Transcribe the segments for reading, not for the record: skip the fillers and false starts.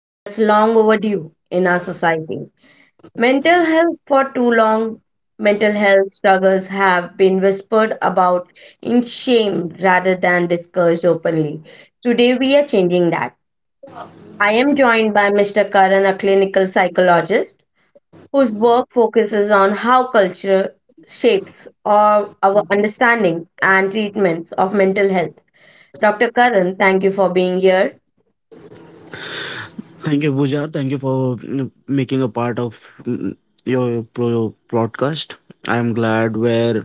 that's long overdue in our society. Mental health for too long, mental health struggles have been whispered about in shame rather than discussed openly. Today we are changing that. I am joined by Mr. Karan, a clinical psychologist whose work focuses on how culture shapes our understanding and treatments of mental health. Dr. Karan, thank you for being here. Thank you, Pooja. Thank you for making a part of mm, broadcast. I am glad we're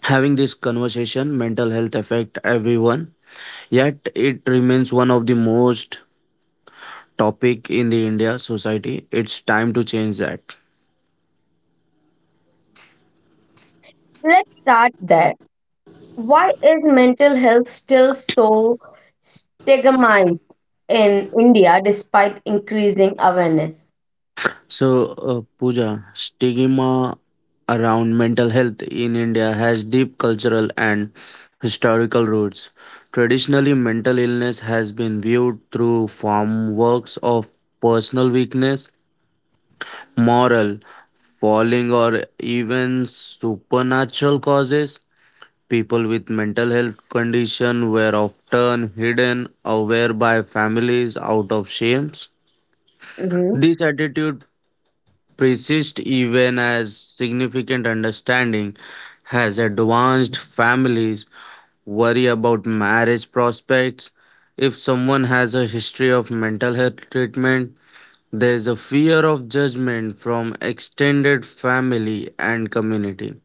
having this conversation. Mental health affect everyone, yet it remains one of the most topic in the India society. It's time to change that. Let's start there. Why is mental health still so stigmatized in India despite increasing awareness? So, Pooja, stigma around mental health in India has deep cultural and historical roots. Traditionally, mental illness has been viewed through form works of personal weakness, moral falling, or even supernatural causes. People with mental health condition were often hidden away by families out of shame. hmm This attitude persist even as significant understanding has advanced families worry about marriage prospects if someone has a history of mental health treatment there is a fear of judgment from extended family and community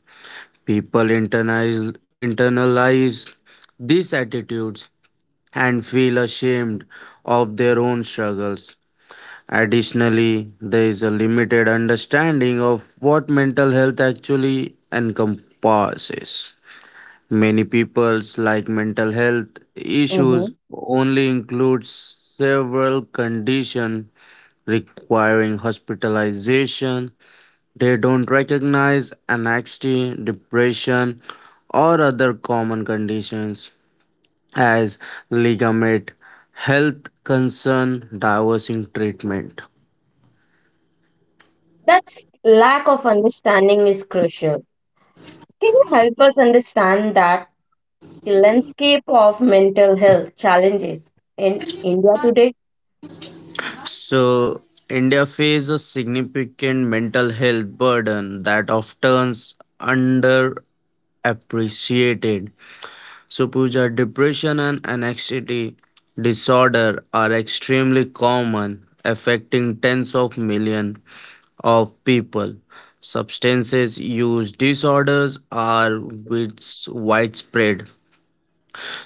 people internalize these attitudes and feel ashamed of their own struggles. Additionally, there is a limited understanding of what mental health actually encompasses. Many people's like mental health hmm issues only includes several conditions requiring hospitalization. They don't recognize anxiety, depression, or other common conditions as legitimate health concern divorcing treatment. That's lack of understanding is crucial. Can you help us understand that the landscape of mental health challenges in India today? So, India faces a significant mental health burden that often underappreciated. So, Pooja, depression and anxiety disorder are extremely common, affecting tens of millions of people. Substances use disorders are widespread.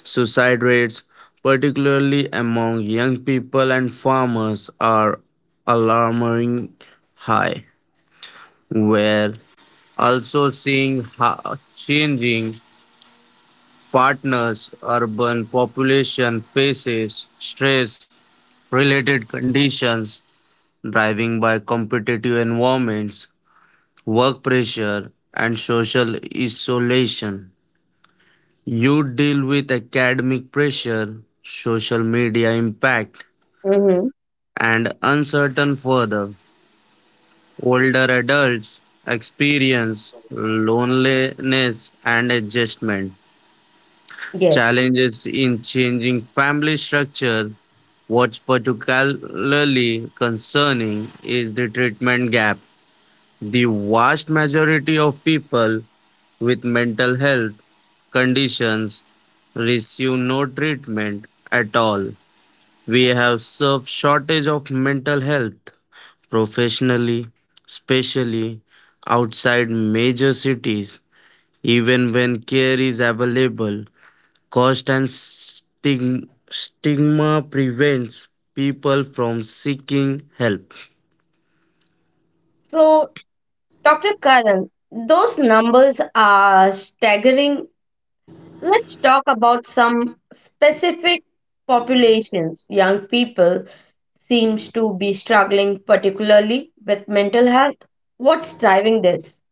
Suicide rates, particularly among young people and farmers, are alarming high. We're also seeing how changing partners, urban population faces stress related conditions, driving by competitive environments, work pressure, and social isolation. You deal with academic pressure, social media impact, Mm-hmm. and uncertain further. Older adults experience loneliness and adjustment, Yes. challenges in changing family structure. What's particularly concerning is the treatment gap. The vast majority of people with mental health conditions receive no treatment at all. We have served shortage of mental health professionally, especially outside major cities, even when care is available. Cost and stigma prevents people from seeking help. So, Dr. Karan, those numbers are staggering. Let's talk about some specific populations, young people seems to be struggling particularly with mental health. What's driving this?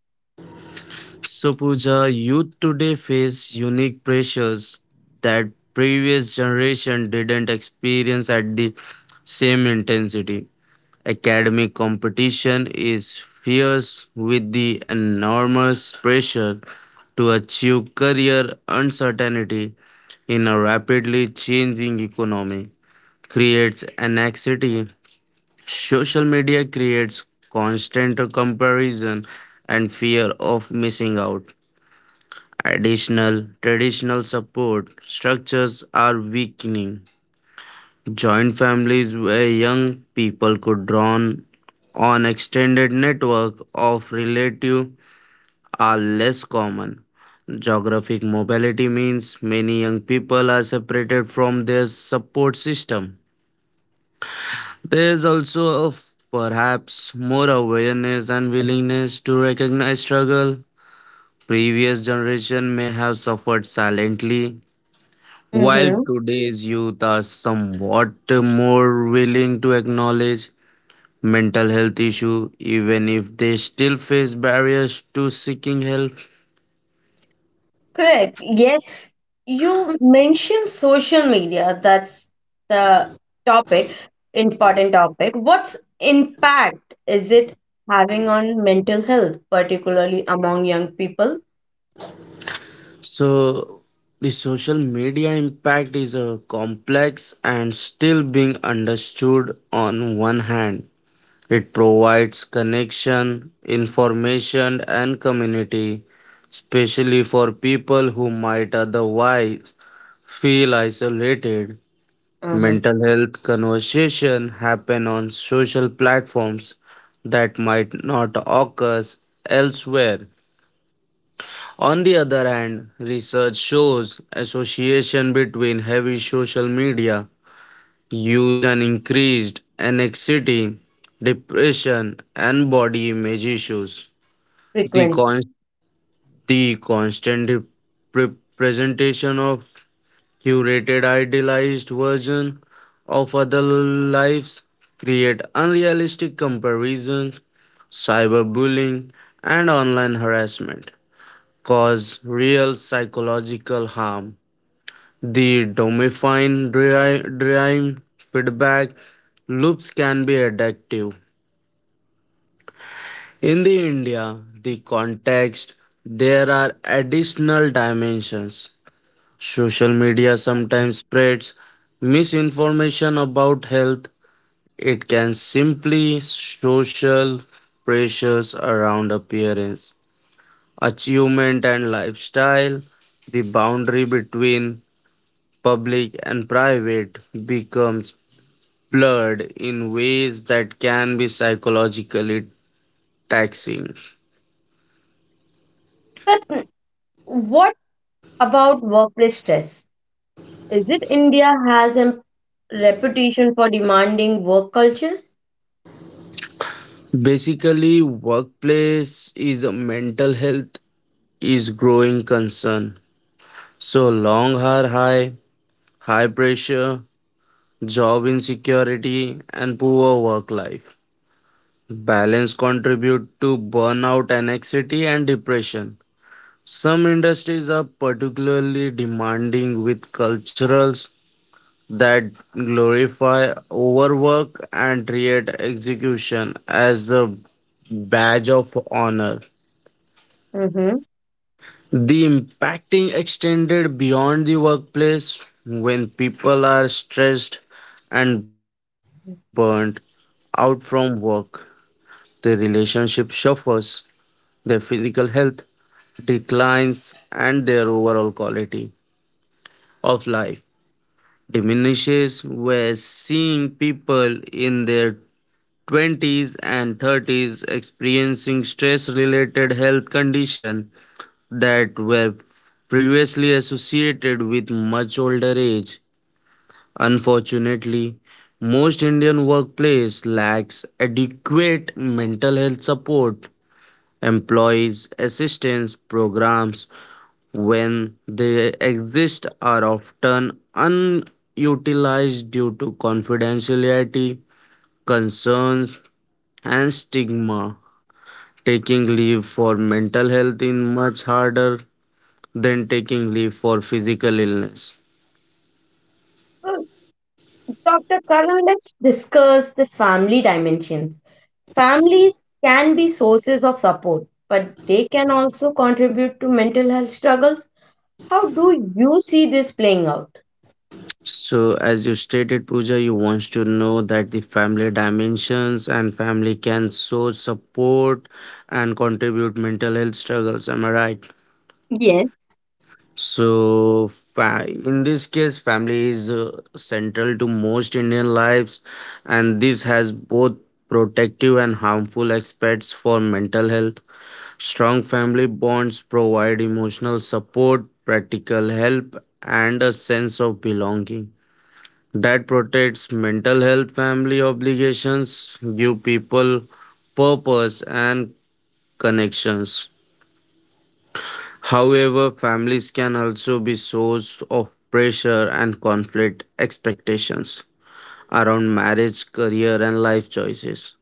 So, Pooja, youth today face unique pressures that previous generation didn't experience at the same intensity. Academic competition is fierce with the enormous pressure to achieve career uncertainty in a rapidly changing economy creates anxiety. Social media creates constant comparison and fear of missing out. Additional traditional support structures are weakening. Joint families where young people could draw on extended network of relatives are less common. Geographic mobility means many young people are separated from their support system. There is also perhaps more awareness and willingness to recognize struggle. Previous generation may have suffered silently, while Mm-hmm. today's youth are somewhat more willing to acknowledge mental health issue even if they still face barriers to seeking help. Correct. Yes, you mentioned social media. The topic, Important topic. What's impact is it having on mental health, particularly among young people? So the social media impact is a complex and still being understood. On one hand it provides connection information and community, especially for people who might otherwise feel isolated. Mm-hmm. Mental health conversation happen on social platforms that might not occur elsewhere. On the other hand, research shows association between heavy social media use and increased anxiety, depression, and body image issues. The, Frequent. con- the constant presentation of curated, idealized versions of other lives create unrealistic comparisons, cyberbullying, and online harassment cause real psychological harm. The domifying dream feedback loops can be addictive. In the India, the context, there are additional dimensions. Social media sometimes spreads misinformation about health. It can simply social pressures around appearance, achievement, and lifestyle. The boundary between public and private becomes blurred in ways that can be psychologically taxing. But what about workplace stress? Is it India has a reputation for demanding work cultures? Basically, workplace is a mental health is growing concern. So long are high pressure, job insecurity, and poor work life. Balance contribute to burnout, anxiety, and depression. Some industries are particularly demanding with culturals that glorify overwork and treat execution as a badge of honor. Mm-hmm. The impacting extended beyond the workplace when people are stressed and burnt out from work. Their relationship suffers, their physical health declines, and their overall quality of life diminishes. We're seeing people in their 20s and 30s experiencing stress related health condition that were previously associated with much older age. Unfortunately, most Indian workplace lacks adequate mental health support, employees assistance programs when they exist are often unutilized due to confidentiality concerns and stigma. Taking leave for mental health is much harder than taking leave for physical illness. Uh, Dr. Karan, let's discuss the family dimensions. Families can be sources of support, but they can also contribute to mental health struggles. How do you see this playing out? So, as you stated, Pooja, you wants to know that the family dimensions and family can so support and contribute mental health struggles. Am I right? Yes. So, in this case, family is central to most Indian lives, and this has both protective and harmful aspects for mental health. Strong family bonds provide emotional support, practical help, and a sense of belonging that protects mental health. Family obligations give people purpose and connections. However, families can also be source of pressure and conflict expectations around marriage, career, and life choices.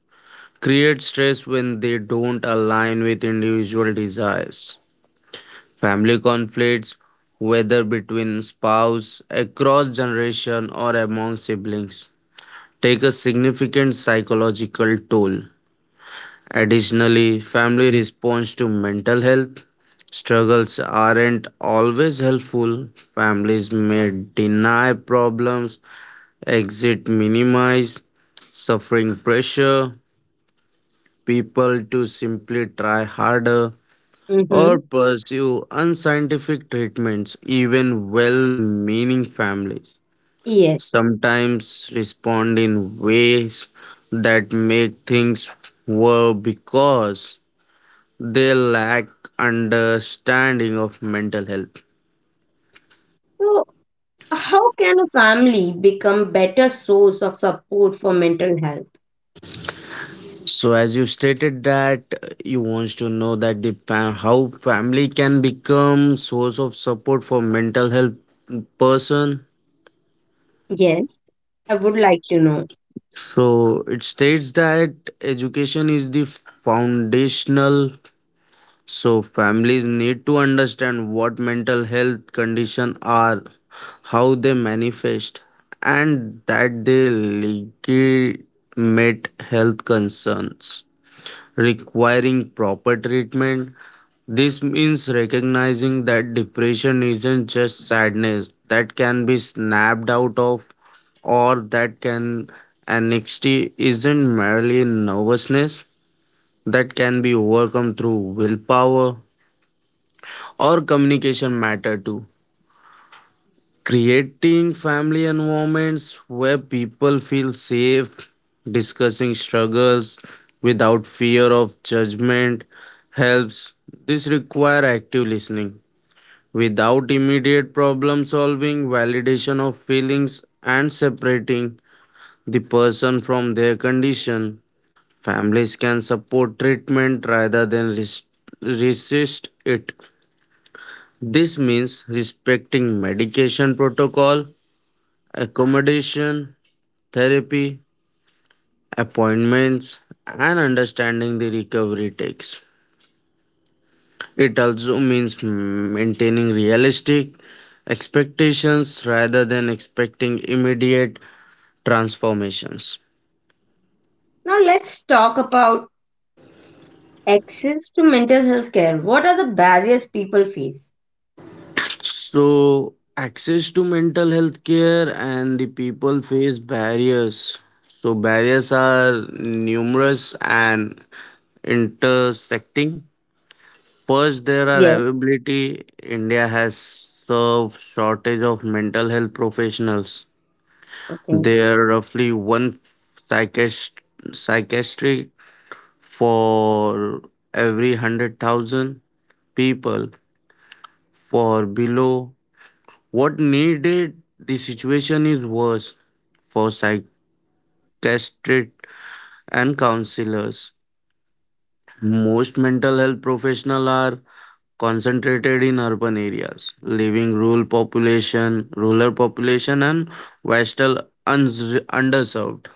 Create stress when they don't align with individual desires. Family conflicts, whether between spouse, across generation, or among siblings, take a significant psychological toll. Additionally, family response to mental health struggles aren't always helpful. Families may deny problems, exit minimize, suffering pressure people to simply try harder Mm-hmm. or pursue unscientific treatments, even well meaning families Yes. sometimes respond in ways that make things worse because they lack understanding of mental health. So, how can a family become better source of support for mental health? So as you stated that you wants to know that how family can become source of support for mental health person. Yes. I would like to know. So it states that education is the foundational. So families need to understand what mental health condition are, how they manifest, and that they legitimate health concerns requiring proper treatment. This means recognizing that depression isn't just sadness that can be snapped out of, or that can anxiety isn't merely nervousness that can be overcome through willpower or communication matter too. Creating family environments where people feel safe, discussing struggles without fear of judgment helps. This requires active listening. Without immediate problem solving, validation of feelings, and separating the person from their condition, families can support treatment rather than resist it. This means respecting medication protocol accommodation, therapy, appointments, and understanding the recovery takes. It also means maintaining realistic expectations rather than expecting immediate transformations. Now, let's talk about access to mental health care. What are the barriers people face? So, access to mental health care and the people face barriers. So, barriers are numerous and intersecting. First, there are Yes. availability. India has served shortage of mental health professionals. Okay. There are roughly one psychiatrist, psychiatric for every 100,000 people. For below what needed, the situation is worse for psychiatrists and counselors. Most mental health professionals are concentrated in urban areas, leaving rural population and vital underserved.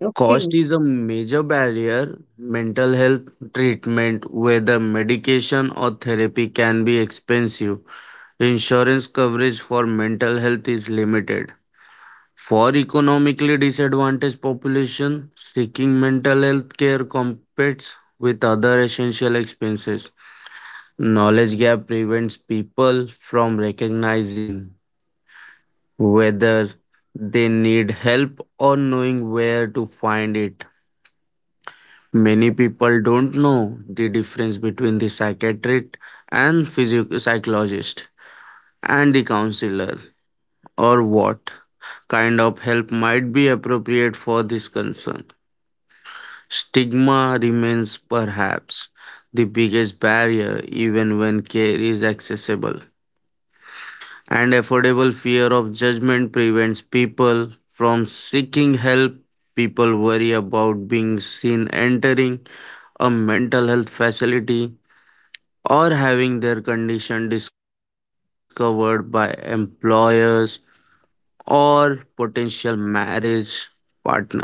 Okay. Cost is a major barrier. Mental health treatment, whether medication or therapy, can be expensive. Insurance coverage for mental health is limited. For economically disadvantaged population, seeking mental health care competes with other essential expenses. Knowledge gap prevents people from recognizing whether they need help or knowing where to find it. Many people don't know the difference between the psychiatrist and psychologist and the counselor or what kind of help might be appropriate for this concern. Stigma remains perhaps the biggest barrier even when care is accessible and affordable fear of judgment prevents people from seeking help. People worry about being seen entering a mental health facility or having their condition discovered by employers or potential marriage partners.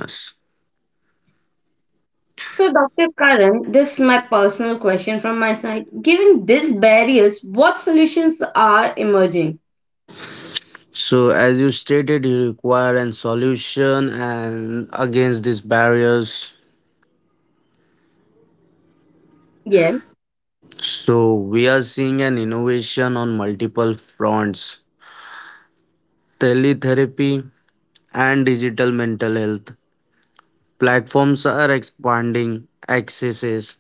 So, Dr. Karan, this is my personal question from my side. Given these barriers, what solutions are emerging? So, as you stated, you require a solution and against these barriers. Yes. So, we are seeing an innovation on multiple fronts teletherapy, and digital mental health. Platforms are expanding accesses,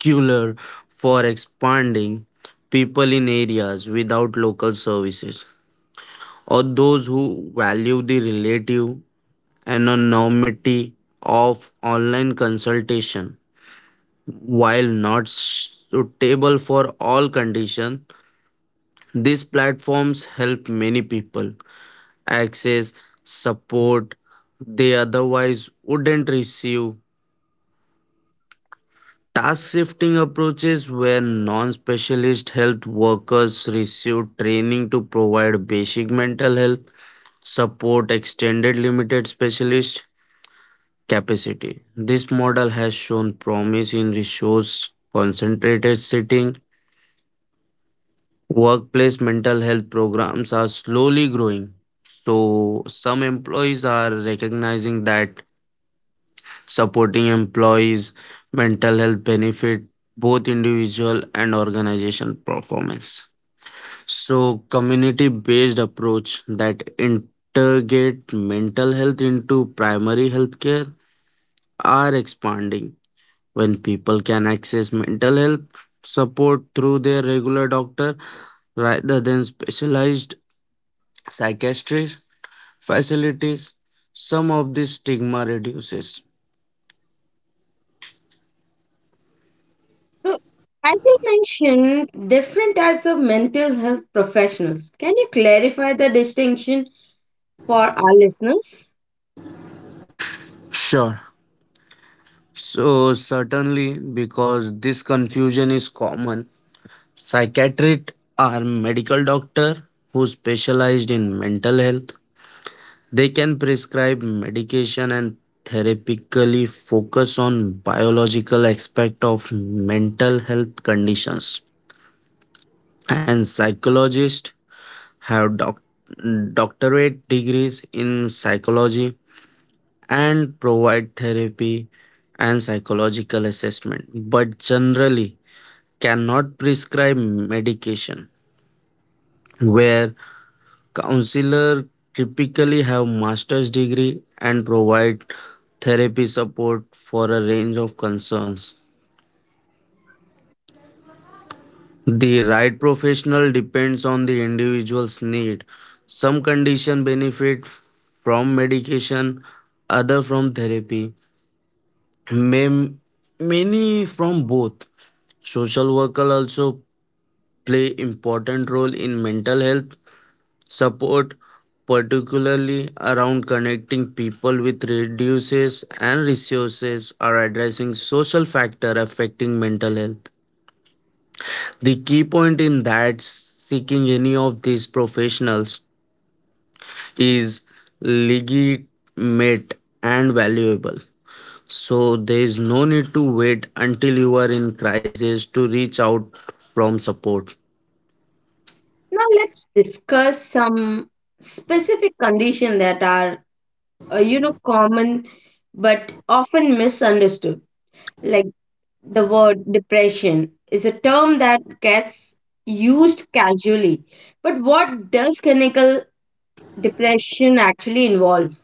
particular for expanding people in areas without local services or those who value the relative anonymity of online consultation. While not suitable for all conditions, these platforms help many people access, support they otherwise wouldn't receive. Task shifting approaches where non specialist health workers receive training to provide basic mental health support, extended limited specialist capacity. This model has shown promise in resource concentrated setting. Workplace mental health programs are slowly growing. So, some employees are recognizing that supporting employees mental health benefit both individual and organization performance. So community based approach that integrate mental health into primary healthcare are expanding when people can access mental health support through their regular doctor rather than specialized psychiatric facilities some of this stigma reduces. So, as you mentioned, different types of mental health professionals. Can you clarify the distinction for our listeners? Sure. So, certainly, because this confusion is common, psychiatrists are medical doctors who specialized in mental health. They can prescribe medication and therapeutically focus on biological aspect of mental health conditions. And psychologists have doctorate degrees in psychology and provide therapy and psychological assessment. But generally, cannot prescribe medication where counselor typically have master's degree and provide therapy support for a range of concerns. The right professional depends on the individual's need. Some condition benefit from medication other from therapy. Mam- Many from both. Social worker also play important role in mental health support, particularly around connecting people with reduces and resources, are addressing social factor affecting mental health. The key point in that seeking any of these professionals is legitimate and valuable. So there is no need to wait until you are in crisis to reach out from support. Now, let's discuss some specific conditions that are, you know, common but often misunderstood. Like the word depression is a term that gets used casually. But what does clinical depression actually involve?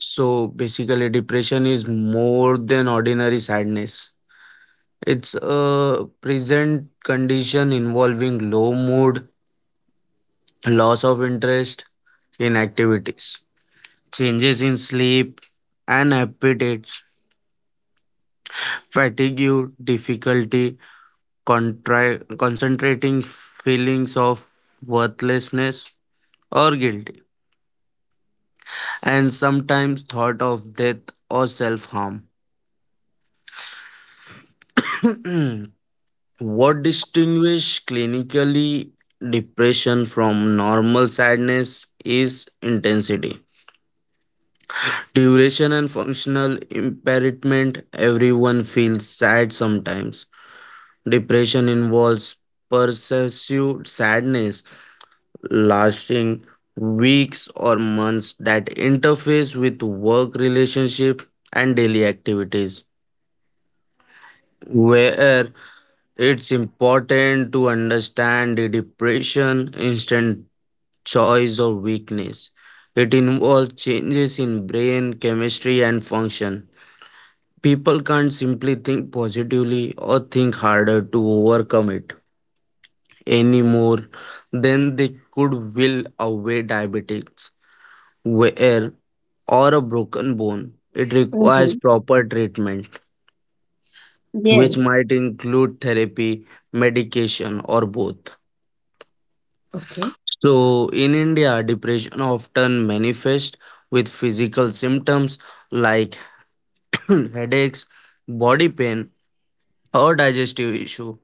So basically, depression is more than ordinary sadness. It's a present condition involving low mood, loss of interest in activities, changes in sleep and appetites, fatigue, difficulty, concentrating, feelings of worthlessness or guilty, and sometimes thought of death or self harm. What distinguishes clinically depression from normal sadness is intensity, duration and functional impairment. Everyone feels sad sometimes. Depression involves pervasive sadness lasting weeks or months that interface with work relationship and daily activities. Where it's important to understand the depression instant choice or weakness. It involves changes in brain chemistry and function. People can't simply think positively or think harder to overcome it any more than they could will away diabetics, wear or a broken bone. It requires Mm-hmm. proper treatment, which Yes. might include therapy, medication, or both. Okay. So, in India, depression often manifests with physical symptoms like headaches, body pain, or digestive issue.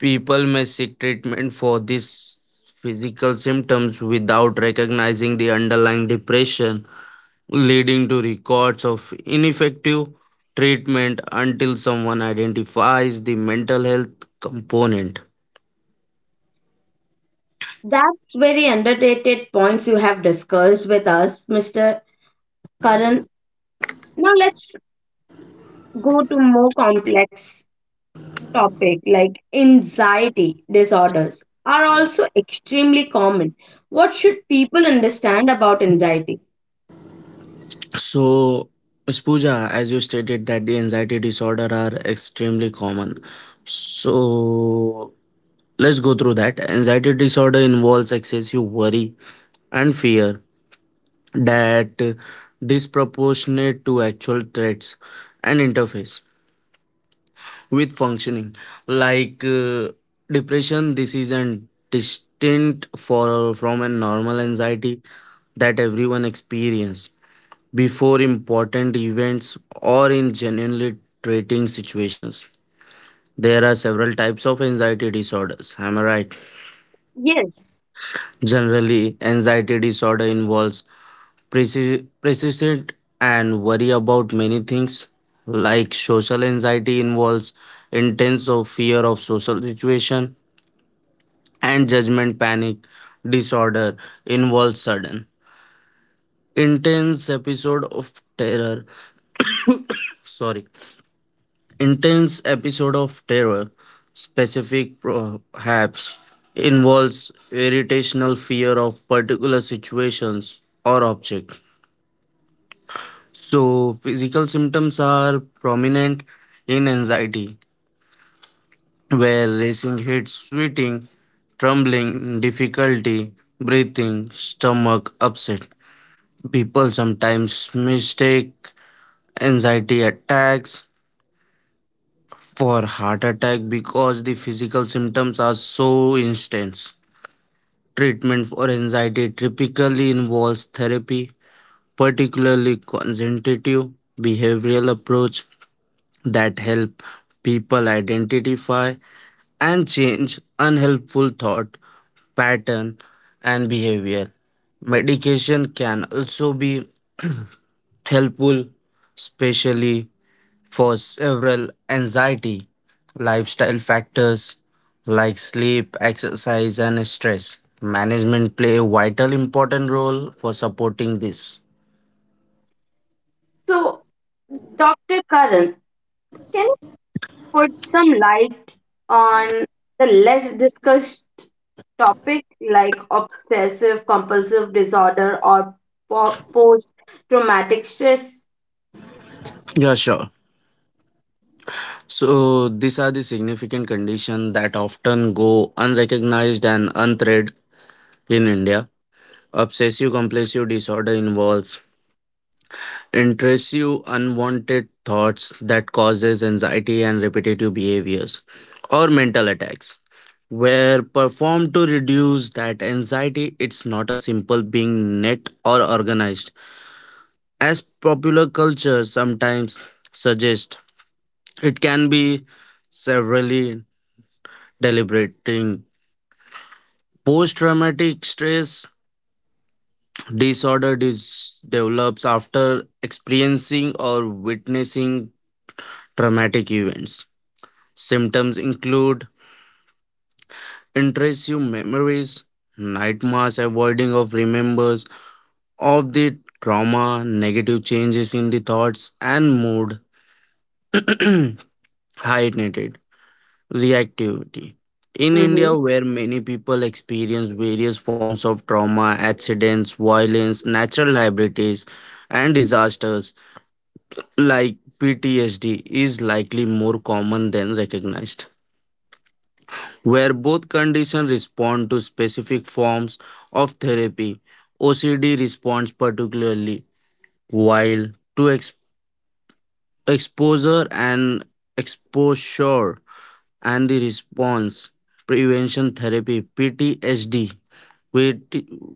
People may seek treatment for these physical symptoms without recognizing the underlying depression, leading to records of ineffective treatment until someone identifies the mental health component. That's very underrated points you have discussed with us, Mr. Karan. Now let's go to more complex topic like anxiety disorders are also extremely common. What should people understand about anxiety? So, Ms. Pooja, as you stated that the anxiety disorder are extremely common. So, let's go through that. Anxiety disorder involves excessive worry and fear that disproportionate to actual threats and interface with functioning, like depression. This isn't distinct for from a normal anxiety that everyone experiences before important events or in genuinely treating situations. There are several types of anxiety disorders, am I right? Yes. Generally anxiety disorder involves persistent and worry about many things, like social anxiety involves intense of fear of social situation and judgment. Panic disorder involves sudden intense episode of terror. Sorry, intense episode of terror. Specific perhaps involves irritational fear of particular situations or object. So, physical symptoms are prominent in anxiety, where racing heat, sweating, trembling, difficulty breathing, stomach upset. People sometimes mistake anxiety attacks for heart attack because the physical symptoms are so intense. Treatment for anxiety typically involves therapy, particularly consultative behavioral approach that help people identify and change unhelpful thought pattern and behavior. Medication can also be helpful, especially for several anxiety lifestyle factors like sleep, exercise, and stress. Management play a vital important role for supporting this. So, Dr. Karan, can you put some light on the less discussed topic like obsessive compulsive disorder or post traumatic stress? Yeah, sure. So these are the significant conditions that often go unrecognized and unthreatened in India. Obsessive compulsive disorder involves intrusive unwanted thoughts that causes anxiety and repetitive behaviors or mental attacks were performed to reduce that anxiety. It's not a simple being net or organized as popular culture sometimes suggests. It can be severely deliberating. Post traumatic stress disorder develops after experiencing or witnessing traumatic events. Symptoms include intrusive memories, nightmares, avoiding of remembers of the trauma, negative changes in the thoughts and mood, heightened reactivity. In India, hmm where many people experience various forms of trauma, accidents, violence, natural liabilities, and disasters, like PTSD is likely more common than recognized. Where both conditions respond to specific forms of therapy, OCD responds particularly, while to exposure and exposure and the response prevention therapy. PTSD, which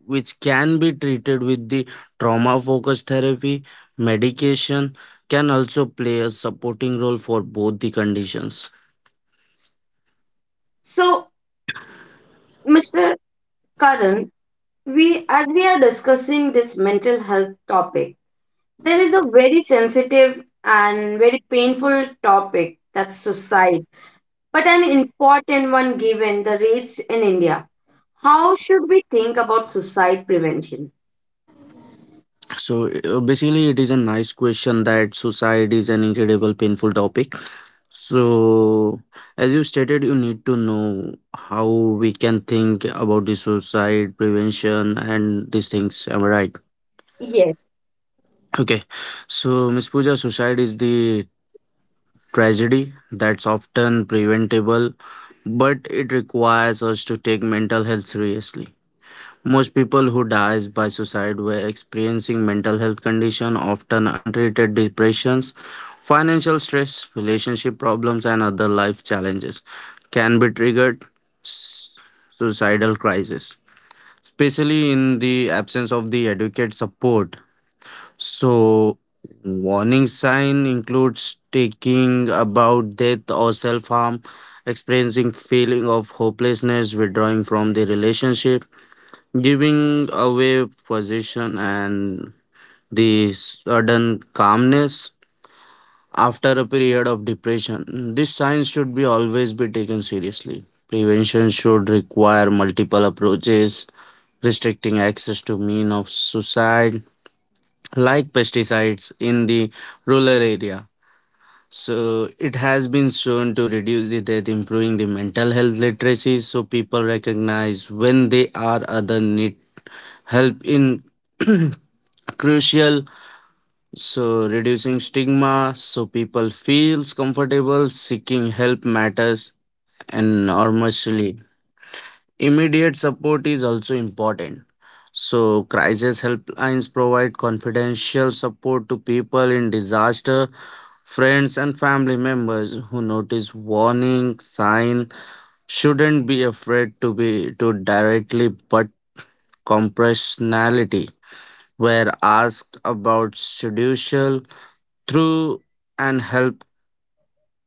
can be treated with the trauma focused therapy. Medication can also play a supporting role for both the conditions. So, Mr. Karan, we, as we are discussing this mental health topic, there is a very sensitive and very painful topic that's suicide, but an important one given the rates in India. How should we think about suicide prevention? So basically it is a nice question that suicide is an incredible painful topic. So as you stated, you need to know how we can think about the suicide prevention and these things, am I right? Yes, Okay, so Miss Pooja, suicide is the tragedy that's often preventable but it requires us to take mental health seriously. Most people who dies by suicide were experiencing mental health condition, often untreated depressions, financial stress, relationship problems, and other life challenges can be triggered s- suicidal crisis, especially in the absence of the adequate support. So, warning sign includes taking about death or self harm, experiencing feeling of hopelessness, withdrawing from the relationship, giving away possession, and the sudden calmness after a period of depression. These signs should be always be taken seriously. Prevention should require multiple approaches, restricting access to mean of suicide like pesticides in the rural area. So it has been shown to reduce the death, improving the mental health literacy, so people recognize when they are other need help in crucial. So reducing stigma, so people feels comfortable seeking help matters enormously. Immediate support is also important. So crisis helplines provide confidential support to people in disaster. Friends and family members who notice warning sign shouldn't be afraid to be to directly but compassionately were asked about seduction through and help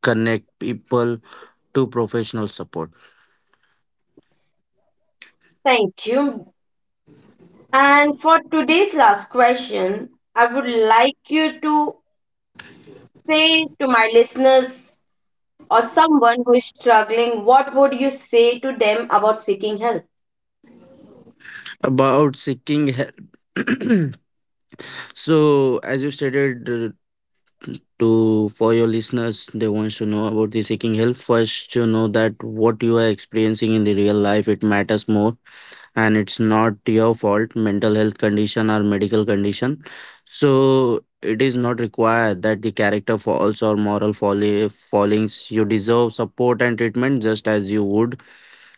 connect people to professional support thank you. And for today's last question, I would like you to say to my listeners or someone who is struggling, what would you say to them about seeking help? about seeking help. So as you stated, to for your listeners they wants to know about the seeking help. First to know that what you are experiencing in the real life it matters more, and it's not your fault mental health condition or medical condition. So it is not required that the character falls or moral folly, fallings you deserve support and treatment just as you would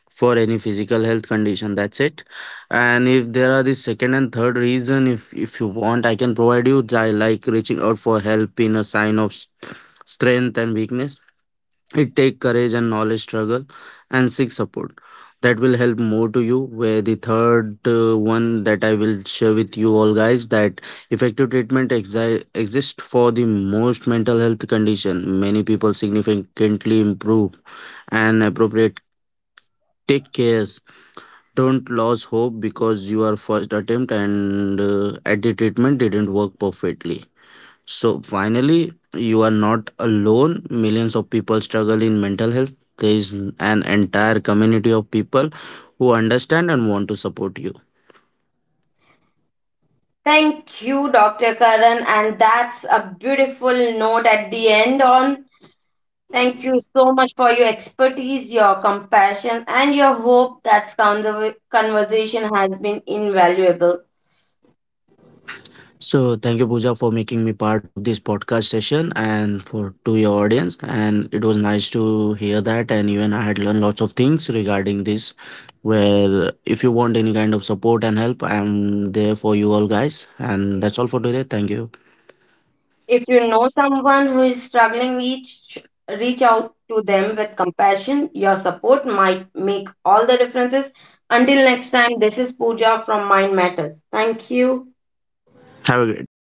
for any physical health condition. That's it. And if there are the second and third reason, if you want I can provide you. I like reaching out for help in a sign of strength and weakness. It take courage and knowledge struggle and seek support. That will help more to you. Where the third one that I will share with you all guys that effective treatment exist for the most mental health condition. Many people significantly improve and appropriate take cares. Don't lose hope because your first attempt and at the treatment didn't work perfectly. So finally, you are not alone. Millions of people struggle in mental health. There is an entire community of people who understand and want to support you. Thank you, Dr. Karan. And that's a beautiful note at the end on. Thank you so much for your expertise, your compassion, and your hope that conversation has been invaluable. So thank you, Pooja, for making me part of this podcast session and for to your audience. And it was nice to hear that. And even I had learned lots of things regarding this. Where if you want any kind of support and help, I'm there for you all guys. And that's all for today. Thank you. If you know someone who is struggling, reach out to them with compassion. Your support might make all the differences. Until next time, this is Pooja from Mind Matters. Thank you. Have a great day.